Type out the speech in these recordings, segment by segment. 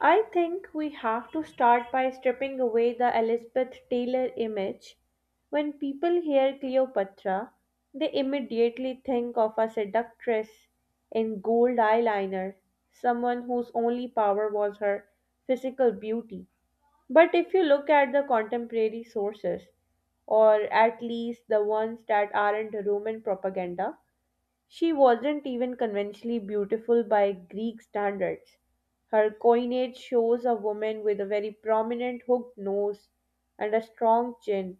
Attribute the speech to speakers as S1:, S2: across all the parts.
S1: I think we have to start by stripping away the Elizabeth Taylor image. When people hear Cleopatra, they immediately think of a seductress in gold eyeliner, someone whose only power was her physical beauty. But if you look at the contemporary sources, or at least the ones that aren't Roman propaganda, she wasn't even conventionally beautiful by Greek standards. Her coinage shows a woman with a very prominent hooked nose and a strong chin.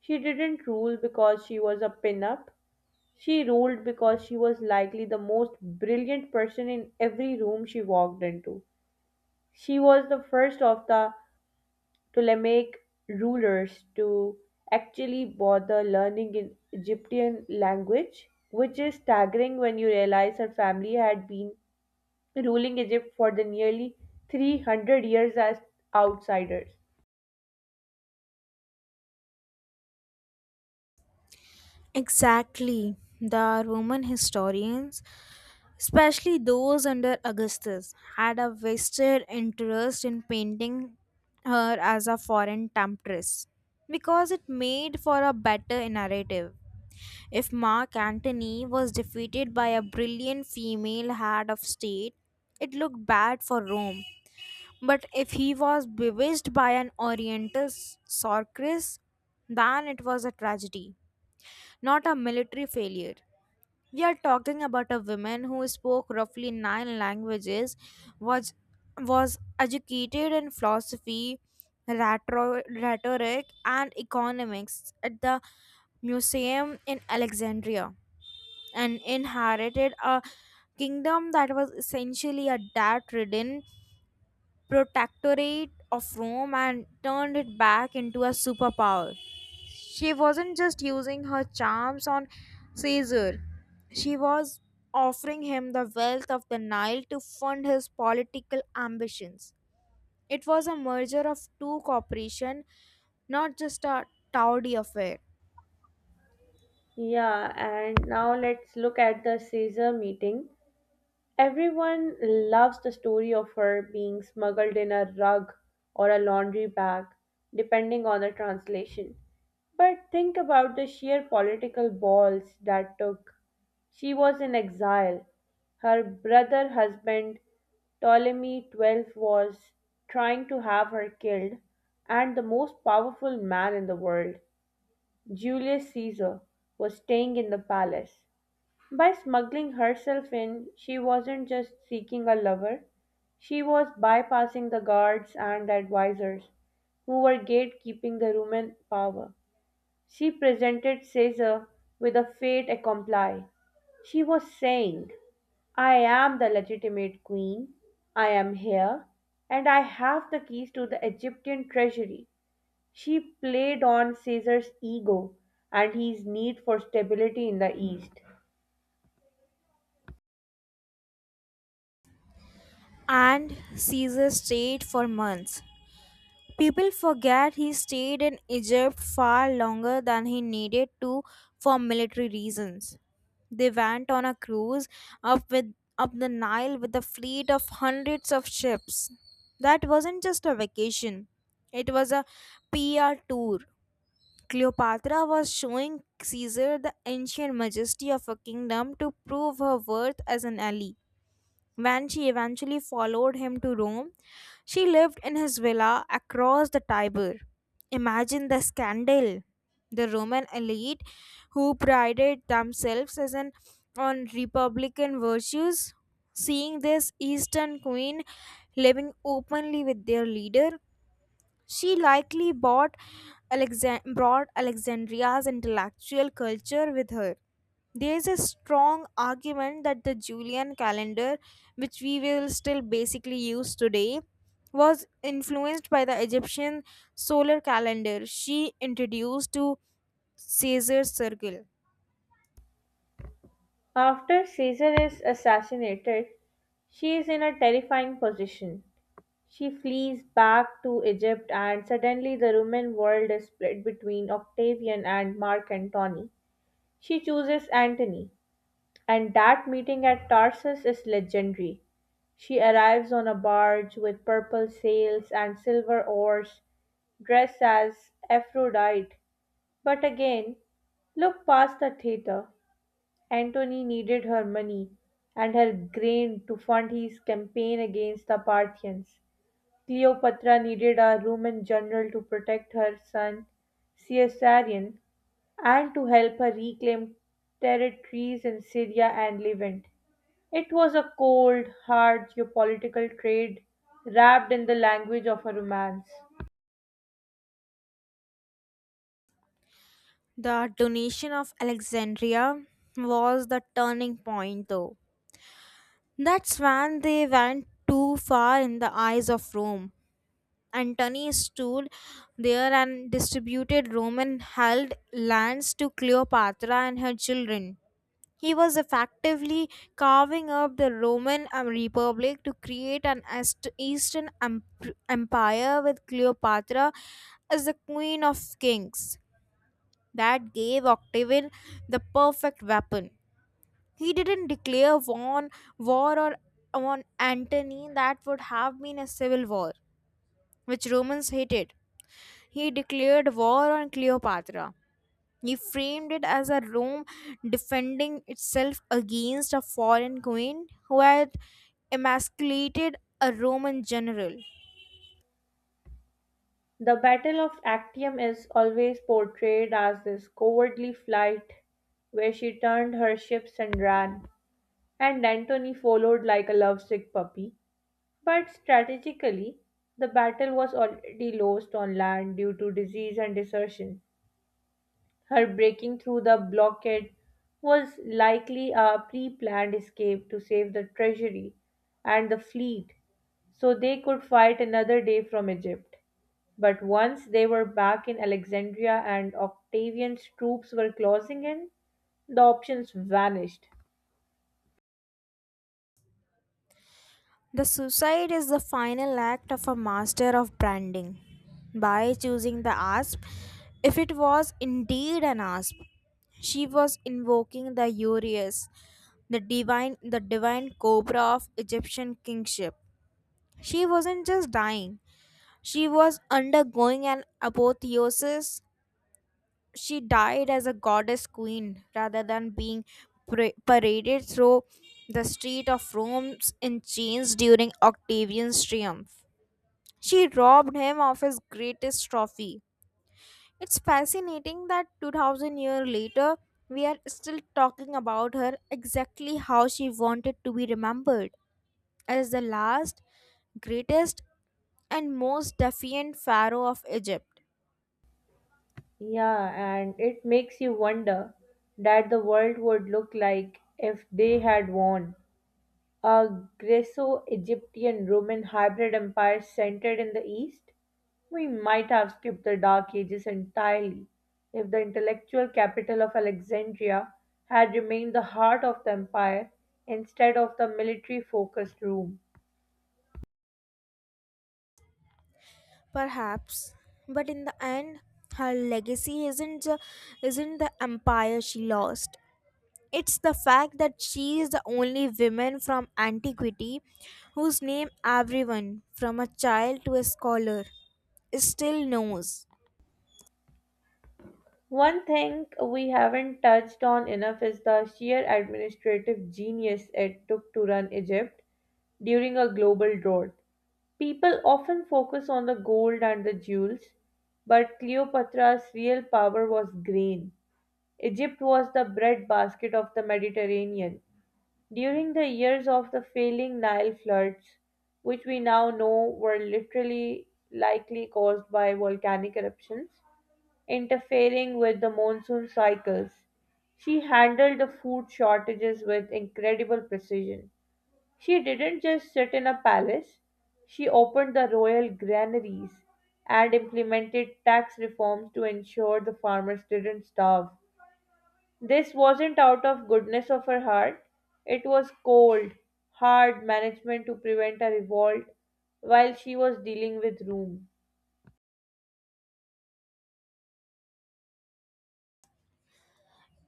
S1: She didn't rule because she was a pin-up. She ruled because she was likely the most brilliant person in every room she walked into. She was the first of the Ptolemaic rulers to actually bother learning in Egyptian language, which is staggering when you realize her family had been ruling Egypt for the nearly 300 years as outsiders.
S2: Exactly. The Roman historians, especially those under Augustus, had a vested interest in painting her as a foreign temptress because it made for a better narrative. If Mark Antony was defeated by a brilliant female head of state, it looked bad for Rome. But if he was bewitched by an Oriental sorceress, then it was a tragedy not a military failure. We are talking about a woman who spoke roughly nine languages, was, was educated in philosophy, rhetoric, and economics at the museum in Alexandria, and inherited a kingdom that was essentially a debt ridden protectorate of Rome and turned it back into a superpower. She wasn't just using her charms on Caesar, she was offering him the wealth of the Nile to fund his political ambitions. It was a merger of two corporations, not just a tawdry affair.
S1: Yeah, and now let's look at the Caesar meeting. Everyone loves the story of her being smuggled in a rug or a laundry bag, depending on the translation. But think about the sheer political balls that took. She was in exile. Her brother husband, Ptolemy XII, was trying to have her killed, and the most powerful man in the world, Julius Caesar, was staying in the palace. By smuggling herself in, she wasn't just seeking a lover, she was bypassing the guards and the advisors who were gatekeeping the Roman power. She presented Caesar with a fait accompli. She was saying, I am the legitimate queen, I am here, and I have the keys to the Egyptian treasury. She played on Caesar's ego and his need for stability in the East.
S2: And Caesar stayed for months. People forget he stayed in Egypt far longer than he needed to for military reasons. They went on a cruise up with up the Nile with a fleet of hundreds of ships. That wasn't just a vacation. It was a PR tour. Cleopatra was showing Caesar the ancient majesty of a kingdom to prove her worth as an ally. When she eventually followed him to Rome, she lived in his villa across the Tiber. Imagine the scandal. The Roman elite, who prided themselves on republican virtues, seeing this Eastern queen living openly with their leader, she likely brought Alexandria's intellectual culture with her. There is a strong argument that the Julian calendar, which we will still basically use today, was influenced by the Egyptian solar calendar she introduced to Caesar's circle.
S1: After Caesar is assassinated, she is in a terrifying position. She flees back to Egypt, and suddenly the Roman world is split between Octavian and Mark Antony. She chooses Antony, and that meeting at Tarsus is legendary. She arrives on a barge with purple sails and silver oars, dressed as Aphrodite. But again, look past the theater. Antony needed her money and her grain to fund his campaign against the Parthians. Cleopatra needed a Roman general to protect her son Caesarion and to help her reclaim territories in Syria and Levant. It was a cold, hard geopolitical trade wrapped in the language of a romance.
S2: The donation of Alexandria was the turning point, though. That's when they went too far in the eyes of Rome. Antony stood there and distributed Roman held lands to Cleopatra and her children. He was effectively carving up the Roman Republic to create an Eastern Empire with Cleopatra as the Queen of Kings. That gave Octavian the perfect weapon. He didn't declare war, war or on Antony, that would have been a civil war, which Romans hated. He declared war on Cleopatra. He framed it as a Rome defending itself against a foreign queen who had emasculated a Roman general.
S1: The Battle of Actium is always portrayed as this cowardly flight where she turned her ships and ran, and Antony followed like a lovesick puppy. But strategically, the battle was already lost on land due to disease and desertion. Her breaking through the blockade was likely a pre planned escape to save the treasury and the fleet so they could fight another day from Egypt. But once they were back in Alexandria and Octavian's troops were closing in, the options vanished.
S2: The suicide is the final act of a master of branding. By choosing the asp, if it was indeed an asp, she was invoking the Urius, the divine cobra of Egyptian kingship. She wasn't just dying, she was undergoing an apotheosis. She died as a goddess queen rather than being paraded through the street of Rome in chains during Octavian's triumph. She robbed him of his greatest trophy. It's fascinating that 2000 years later, we are still talking about her exactly how she wanted to be remembered as the last, greatest, and most defiant pharaoh of Egypt.
S1: Yeah, and it makes you wonder that the world would look like if they had won. A Greco Egyptian Roman hybrid empire centered in the east? We might have skipped the Dark Ages entirely if the intellectual capital of Alexandria had remained the heart of the empire instead of the military focused Rome.
S2: Perhaps, but in the end, her legacy isn't the empire she lost. It's the fact that she is the only woman from antiquity whose name everyone, from a child to a scholar, still knows.
S1: One thing we haven't touched on enough is the sheer administrative genius it took to run Egypt during a global drought. People often focus on the gold and the jewels, but Cleopatra's real power was grain. Egypt was the breadbasket of the Mediterranean. During the years of the failing Nile floods, which we now know were literally likely caused by volcanic eruptions, interfering with the monsoon cycles. She handled the food shortages with incredible precision. She didn't just sit in a palace, she opened the royal granaries and implemented tax reforms to ensure the farmers didn't starve. This wasn't out of goodness of her heart, it was cold, hard management to prevent a revolt while she was dealing with Rome.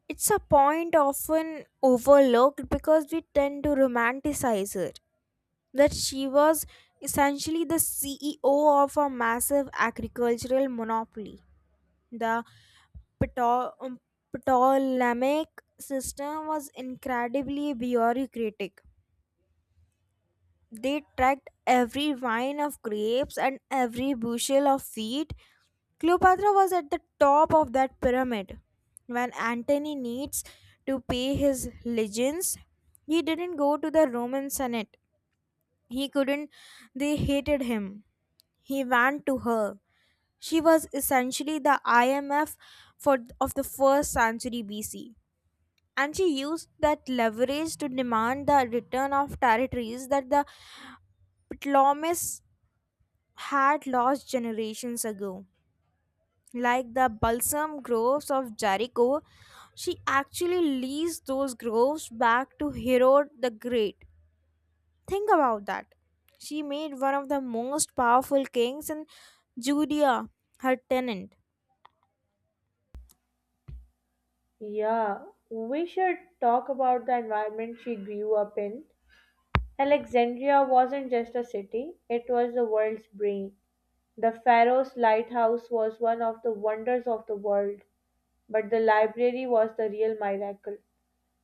S2: It's a point often overlooked because we tend to romanticize her. That she was essentially the CEO of a massive agricultural monopoly, the Pto- um, Ptolemaic system was incredibly bureaucratic. They tracked every vine of grapes and every bushel of wheat. Cleopatra was at the top of that pyramid. When Antony needs to pay his legions, he didn't go to the Roman Senate. He couldn't, they hated him. He went to her. She was essentially the IMF for of the first century BC. And she used that leverage to demand the return of territories that the Ptolemies had lost generations ago. Like the balsam groves of Jericho, she actually leased those groves back to Herod the Great. Think about that. She made one of the most powerful kings in Judea her tenant.
S1: Yeah, we should talk about the environment she grew up in. Alexandria wasn't just a city, it was the world's brain. The Pharaoh's lighthouse was one of the wonders of the world, but the library was the real miracle.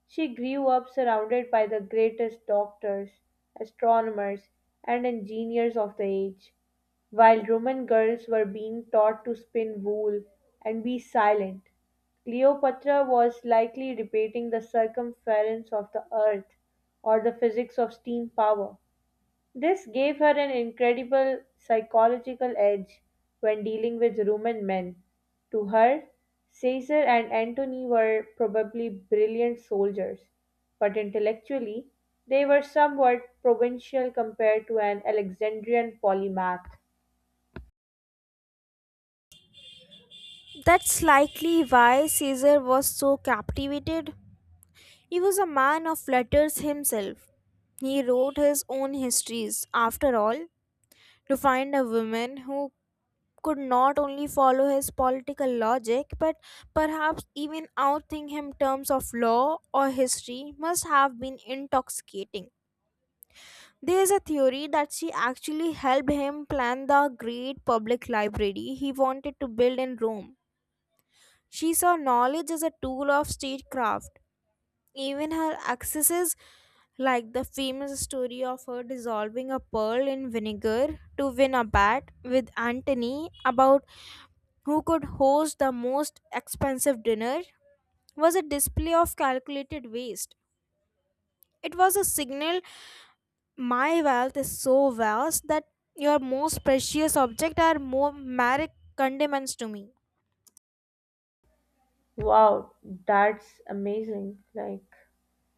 S1: She grew up surrounded by the greatest doctors, astronomers, and engineers of the age. While Roman girls were being taught to spin wool and be silent, Cleopatra was likely debating the circumference of the earth or the physics of steam power. This gave her an incredible psychological edge when dealing with Roman men. To her, Caesar and Antony were probably brilliant soldiers, but intellectually, they were somewhat provincial compared to an Alexandrian polymath.
S2: That's likely why Caesar was so captivated. He was a man of letters himself. He wrote his own histories, after all, to find a woman who could not only follow his political logic but perhaps even outthink him in terms of law or history must have been intoxicating. There is a theory that she actually helped him plan the great public library he wanted to build in Rome. She saw knowledge as a tool of statecraft. Even her excesses, like the famous story of her dissolving a pearl in vinegar to win a bet with Antony about who could host the most expensive dinner, was a display of calculated waste. It was a signal: my wealth is so vast that your most precious object are more mere condiments to me.
S1: Wow, that's amazing. Like,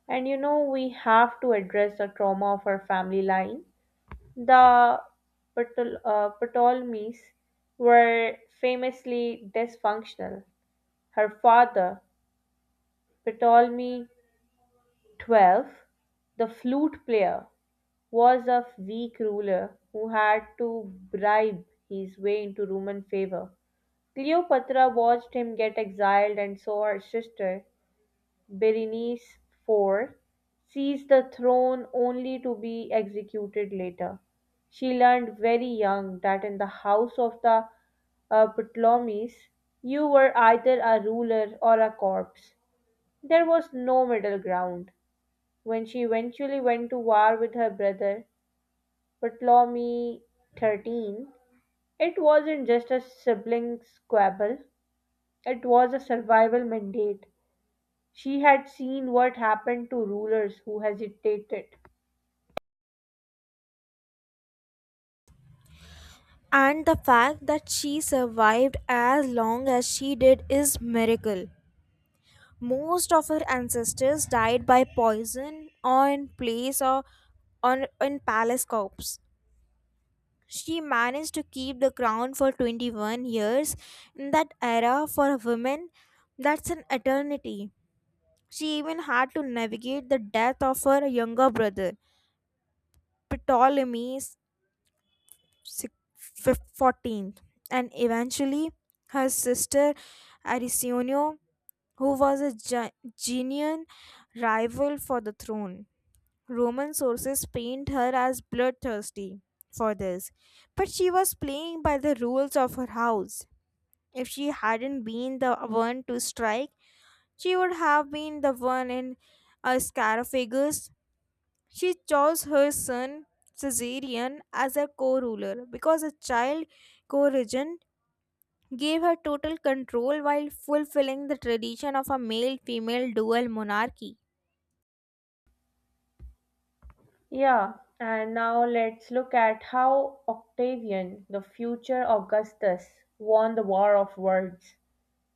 S1: and we have to address the trauma of her family line. The Ptolemies were famously dysfunctional. Her father, Ptolemy XII, the flute player, was a weak ruler who had to bribe his way into Roman favor. Cleopatra watched him get exiled and so her sister, Berenice IV seized the throne only to be executed later. She learned very young that in the house of the Ptolemies, you were either a ruler or a corpse. There was no middle ground. When she eventually went to war with her brother, Ptolemy XIII, it wasn't just a sibling squabble, it was a survival mandate. She had seen what happened to rulers who hesitated.
S2: And the fact that she survived as long as she did is miracle. Most of our ancestors died by poison on place or on in palace corpse. She managed to keep the crown for 21 years. In that era, for a woman, that's an eternity. She even had to navigate the death of her younger brother, Ptolemy si- 14th, and eventually her sister Arisionio, who was a genuine rival for the throne. Roman sources paint her as bloodthirsty for this, but she was playing by the rules of her house. If she hadn't been the one to strike, she would have been the one in a Scarafagus. She chose her son Caesarion as her co-ruler because a child co-regent gave her total control while fulfilling the tradition of a male-female dual monarchy.
S1: Yeah, and now let's look at how Octavian, the future Augustus, won the war of words.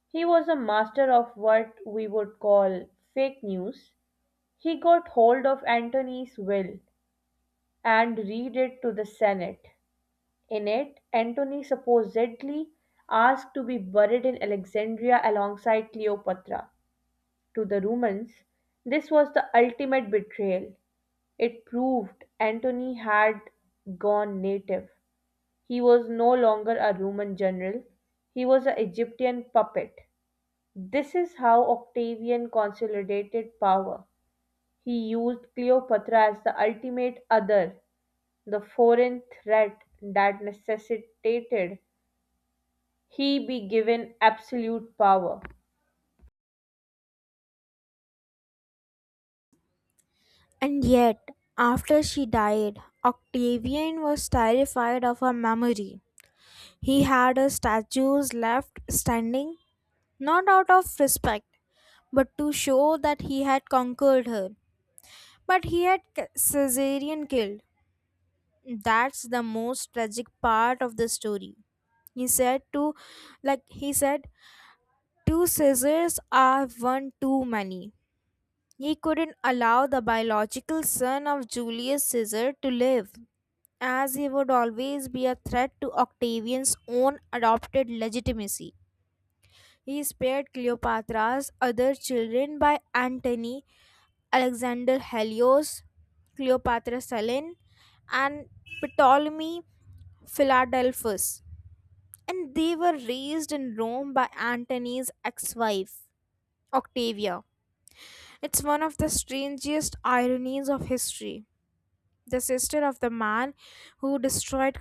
S1: He was a master of what we would call fake news. He got hold of Antony's will and read it to the Senate. In it, Antony supposedly asked to be buried in Alexandria alongside Cleopatra. To the Romans, this was the ultimate betrayal. It proved Antony had gone native. He was no longer a Roman general, he was an Egyptian puppet. This is how Octavian consolidated power. He used Cleopatra as the ultimate other, the foreign threat that necessitated he be given absolute power.
S2: And yet, after she died, Octavian was terrified of her memory. He had her statues left standing, not out of respect, but to show that he had conquered her. But he had Caesarion killed. That's the most tragic part of the story. He said to, like he said, two Caesars are one too many. He couldn't allow the biological son of Julius Caesar to live, as he would always be a threat to Octavian's own adopted legitimacy. He spared Cleopatra's other children by Antony, Alexander Helios, Cleopatra Selene, and Ptolemy Philadelphus, and they were raised in Rome by Antony's ex wife, Octavia. It's one of the strangest ironies of history. The sister of the man who destroyed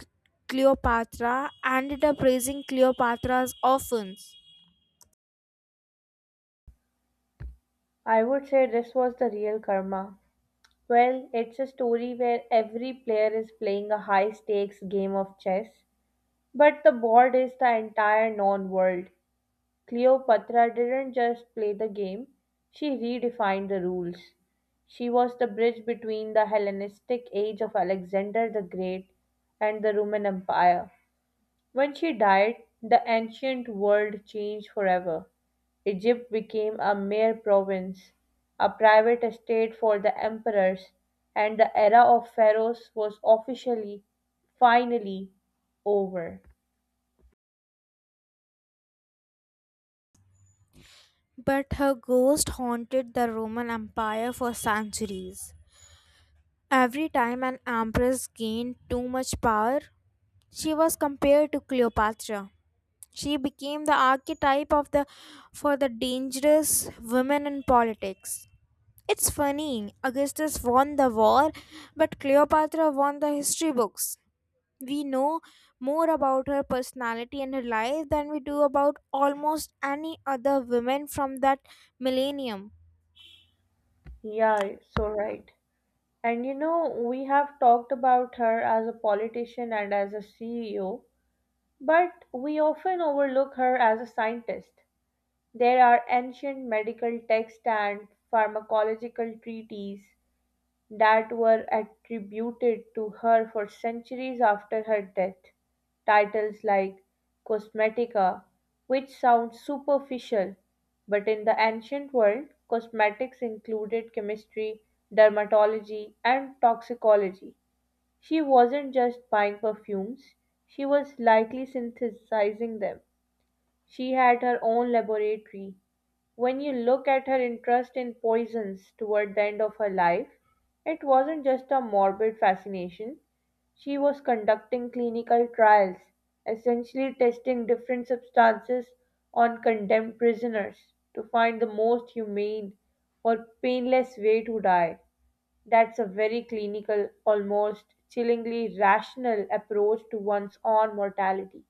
S2: Cleopatra ended up raising Cleopatra's orphans.
S1: I would say this was the real karma. Well, it's a story where every player is playing a high stakes game of chess, but the board is the entire known world. Cleopatra didn't just play the game, she redefined the rules. She was the bridge between the Hellenistic age of Alexander the Great and the Roman Empire. When she died, the ancient world changed forever. Egypt became a mere province, a private estate for the emperors, and the era of pharaohs was officially, finally, over.
S2: But her ghost haunted the Roman Empire for centuries. Every time an empress gained too much power, she was compared to Cleopatra. She became the archetype of the for the dangerous women in politics. It's funny, Augustus won the war, but Cleopatra won the history books. We know more about her personality and her life than we do about almost any other women from that millennium.
S1: Yeah, you're so right. And we have talked about her as a politician and as a CEO, but we often overlook her as a scientist. There are ancient medical texts and pharmacological treatises that were attributed to her for centuries after her death. Titles like cosmetica, which sound superficial, but in the ancient world, cosmetics included chemistry, dermatology, and toxicology. She wasn't just buying perfumes, she was likely synthesizing them. She had her own laboratory when you look at her interest in poisons toward the end of her life, it wasn't just a morbid fascination. She was conducting clinical trials, essentially testing different substances on condemned prisoners to find the most humane or painless way to die. That's a very clinical, almost chillingly rational approach to one's own mortality.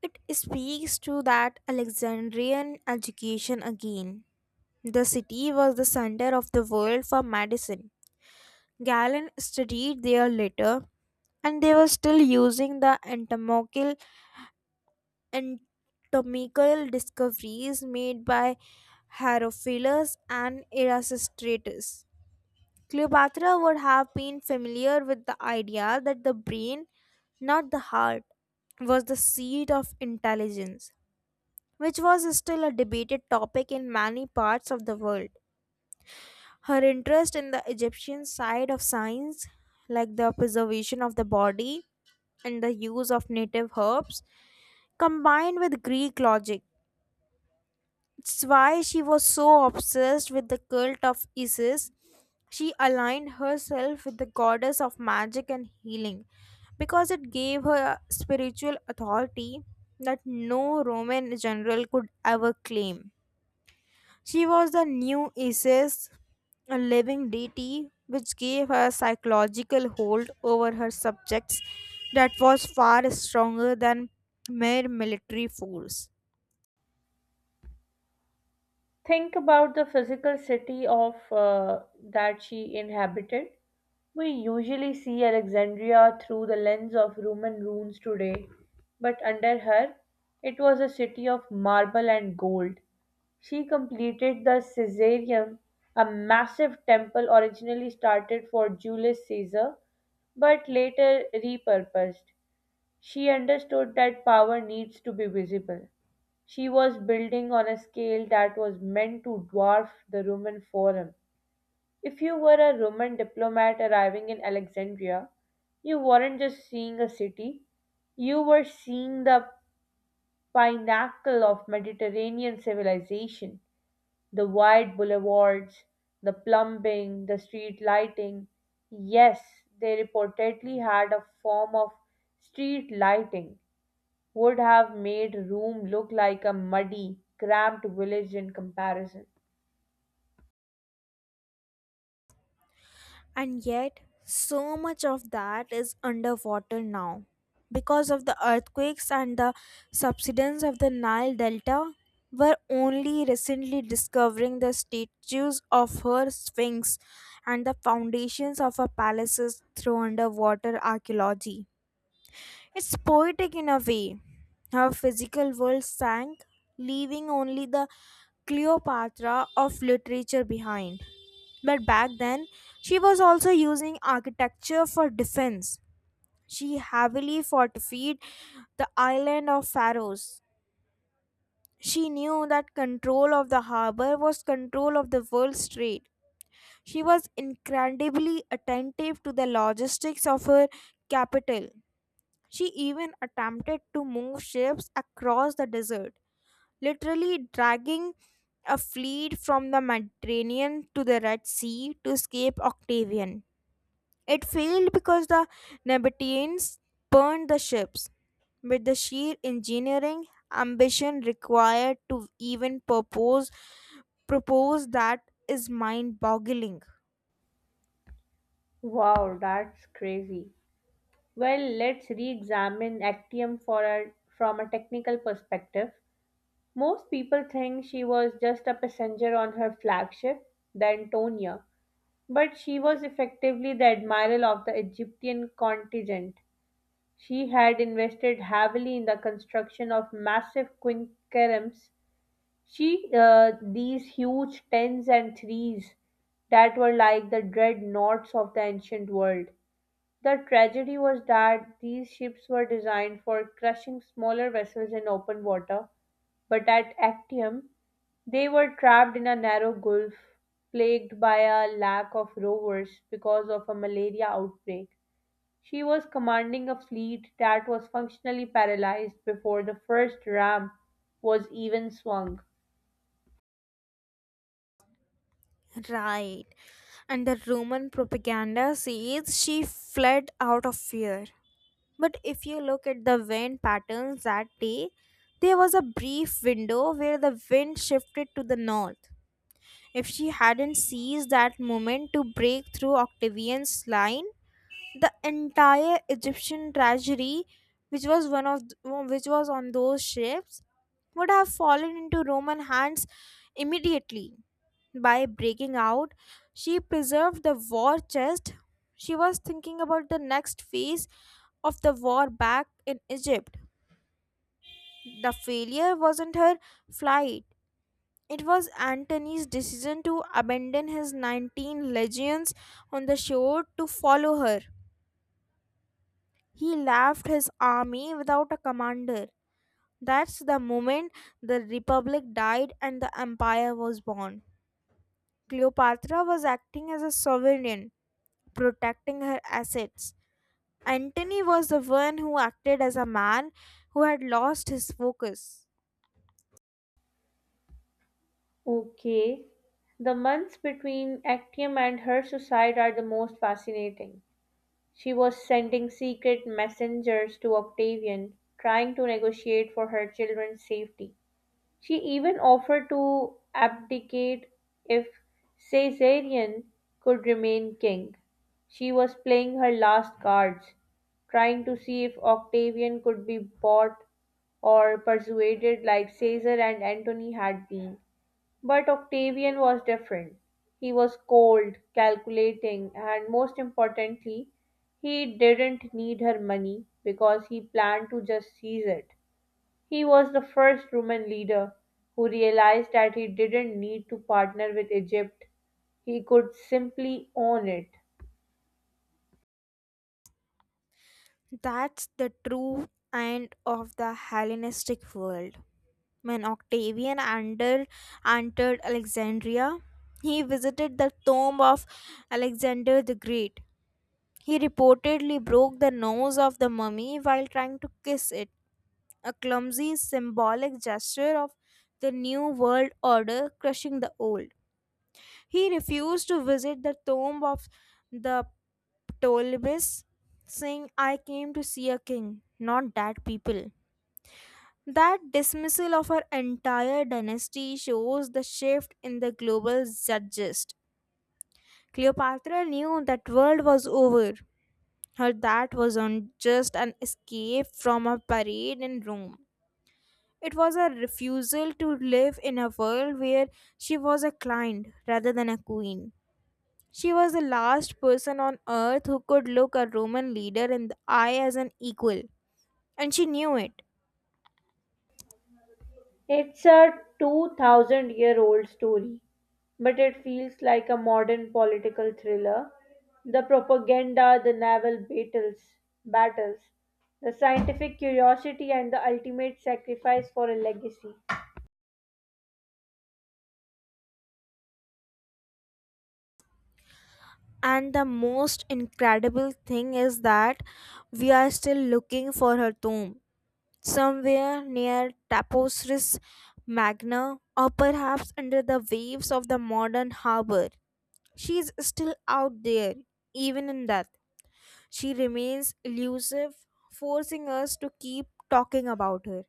S2: It speaks to that Alexandrian education again. The city was the center of the world for medicine. Galen studied there later, and they were still using the anatomical discoveries made by Herophilus and Erasistratus. Cleopatra would have been familiar with the idea that the brain, not the heart, was the seat of intelligence, which was still a debated topic in many parts of the world. Her interest in the Egyptian side of science, like the preservation of the body and the use of native herbs, combined with Greek logic. It's why she was so obsessed with the cult of Isis. She aligned herself with the goddess of magic and healing because it gave her a spiritual authority that no Roman general could ever claim. She was the new Isis, a living deity which gave her a psychological hold over her subjects that was far stronger than mere military force.
S1: Think about the physical city of that she inhabited. We usually see Alexandria through the lens of Roman ruins today, but under her, it was a city of marble and gold. She completed the Caesareum, a massive temple originally started for Julius Caesar but later repurposed. She understood that power needs to be visible. She was building on a scale that was meant to dwarf the Roman Forum. If you were a Roman diplomat arriving in Alexandria, you weren't just seeing a city, you were seeing the pinnacle of Mediterranean civilization, the wide boulevards, the plumbing, the street lighting. Yes, they reportedly had a form of street lighting would have made Rome look like a muddy, cramped village in comparison.
S2: And yet, so much of that is underwater now. Because of the earthquakes and the subsidence of the Nile Delta, we're only recently discovering the statues of her sphinx and the foundations of her palaces through underwater archaeology. It's poetic in a way. Her physical world sank, leaving only the Cleopatra of literature behind. But back then, she was also using architecture for defense. She heavily fortified the island of Pharos. She knew that control of the harbor was control of the world's trade. She was incredibly attentive to the logistics of her capital. She even attempted to move ships across the desert, literally dragging a fleet from the Mediterranean to the Red Sea to escape Octavian. It failed because the Nabateans burned the ships, with the sheer engineering ambition required to even propose that is mind-boggling.
S1: Wow, that's crazy. Well, let's re examine Actium from a technical perspective. Most people think she was just a passenger on her flagship, the Antonia, but she was effectively the admiral of the Egyptian contingent. She had invested heavily in the construction of massive quinqueremes. These huge tens and threes that were like the dreadnoughts of the ancient world. The tragedy was that these ships were designed for crushing smaller vessels in open water, but at Actium they were trapped in a narrow gulf plagued by a lack of rowers because of a malaria outbreak. She was commanding a fleet that was functionally paralyzed before the first ram was even swung.
S2: Right. And the Roman propaganda says she fled out of fear. But if you look at the wind patterns that day, there was a brief window where the wind shifted to the north. If she hadn't seized that moment to break through Octavian's line, the entire Egyptian treasury, which was one of th- which was on those ships, would have fallen into Roman hands immediately. By breaking out, she preserved the war chest. She was thinking about the next phase of the war back in Egypt. The failure wasn't her flight. It was Antony's decision to abandon his 19 legions on the shore to follow her. He left his army without a commander. That's the moment the republic died and the empire was born. Cleopatra was acting as a sovereign, protecting her assets. Antony was the one who acted as a man who had lost his focus.
S1: Okay. The months between Actium and her suicide are the most fascinating. She was sending secret messengers to Octavian, trying to negotiate for her children's safety. She even offered to abdicate if Caesarion could remain king. She was playing her last cards, trying to see if Octavian could be bought or persuaded like Caesar and Antony had been. But Octavian was different. He was cold, calculating, and most importantly, he didn't need her money because he planned to just seize it. He was the first Roman leader who realized that he didn't need to partner with Egypt, he could simply own it.
S2: That's the true end of the Hellenistic world. When Octavian entered Alexandria, he visited the tomb of Alexander the Great. He reportedly broke the nose of the mummy while trying to kiss it, a clumsy symbolic gesture of the new world order crushing the old. He refused to visit the tomb of the Ptolemies, saying, I came to see a king, not that people. That dismissal of her entire dynasty shows the shift in the global zeitgeist. Cleopatra knew that world was over. Her That wasn't just an escape from a parade in Rome. It was a refusal to live in a world where she was a client rather than a queen. She was the last person on earth who could look a Roman leader in the eye as an equal, and she knew it.
S1: It's a 2000 year old story, but it feels like a modern political thriller. The propaganda, the naval battles, the scientific curiosity and the ultimate sacrifice for a legacy.
S2: And the most incredible thing is that we are still looking for her tomb, somewhere near Tapestris Magna, or perhaps under the waves of the modern harbor. She is still out there, even in death. She remains elusive, forcing us to keep talking about her.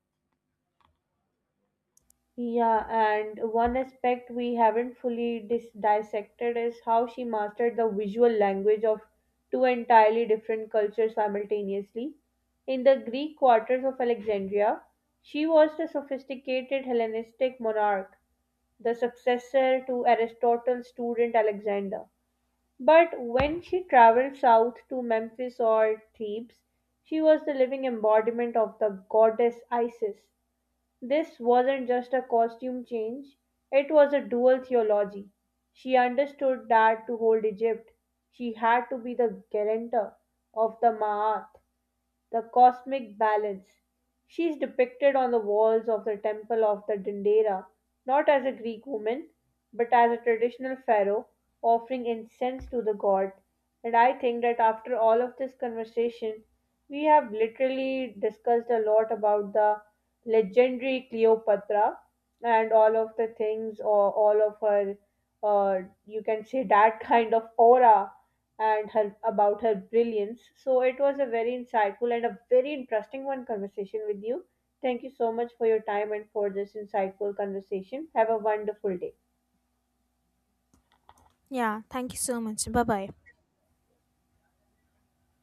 S1: Yeah, and one aspect we haven't fully dissected is how she mastered the visual language of two entirely different cultures simultaneously. In the Greek quarters of Alexandria, she was the sophisticated Hellenistic monarch, the successor to Aristotle's student Alexander. But when she traveled south to Memphis or Thebes, she was the living embodiment of the goddess Isis. This wasn't just a costume change, it was a dual theology. She understood that to hold Egypt, she had to be the guarantor of the Ma'at, the cosmic balance. She is depicted on the walls of the temple of the Dendera not as a Greek woman but as a traditional pharaoh offering incense to the god. And I think that after all of this conversation, we have literally discussed a lot about the legendary Cleopatra and all of the things or all of her uh, you can say that kind of aura and her about her brilliance. So it was a very insightful and a very interesting one conversation with you. Thank you so much for your time and for this insightful conversation. Have a wonderful day.
S2: Yeah, thank you so much. Bye bye.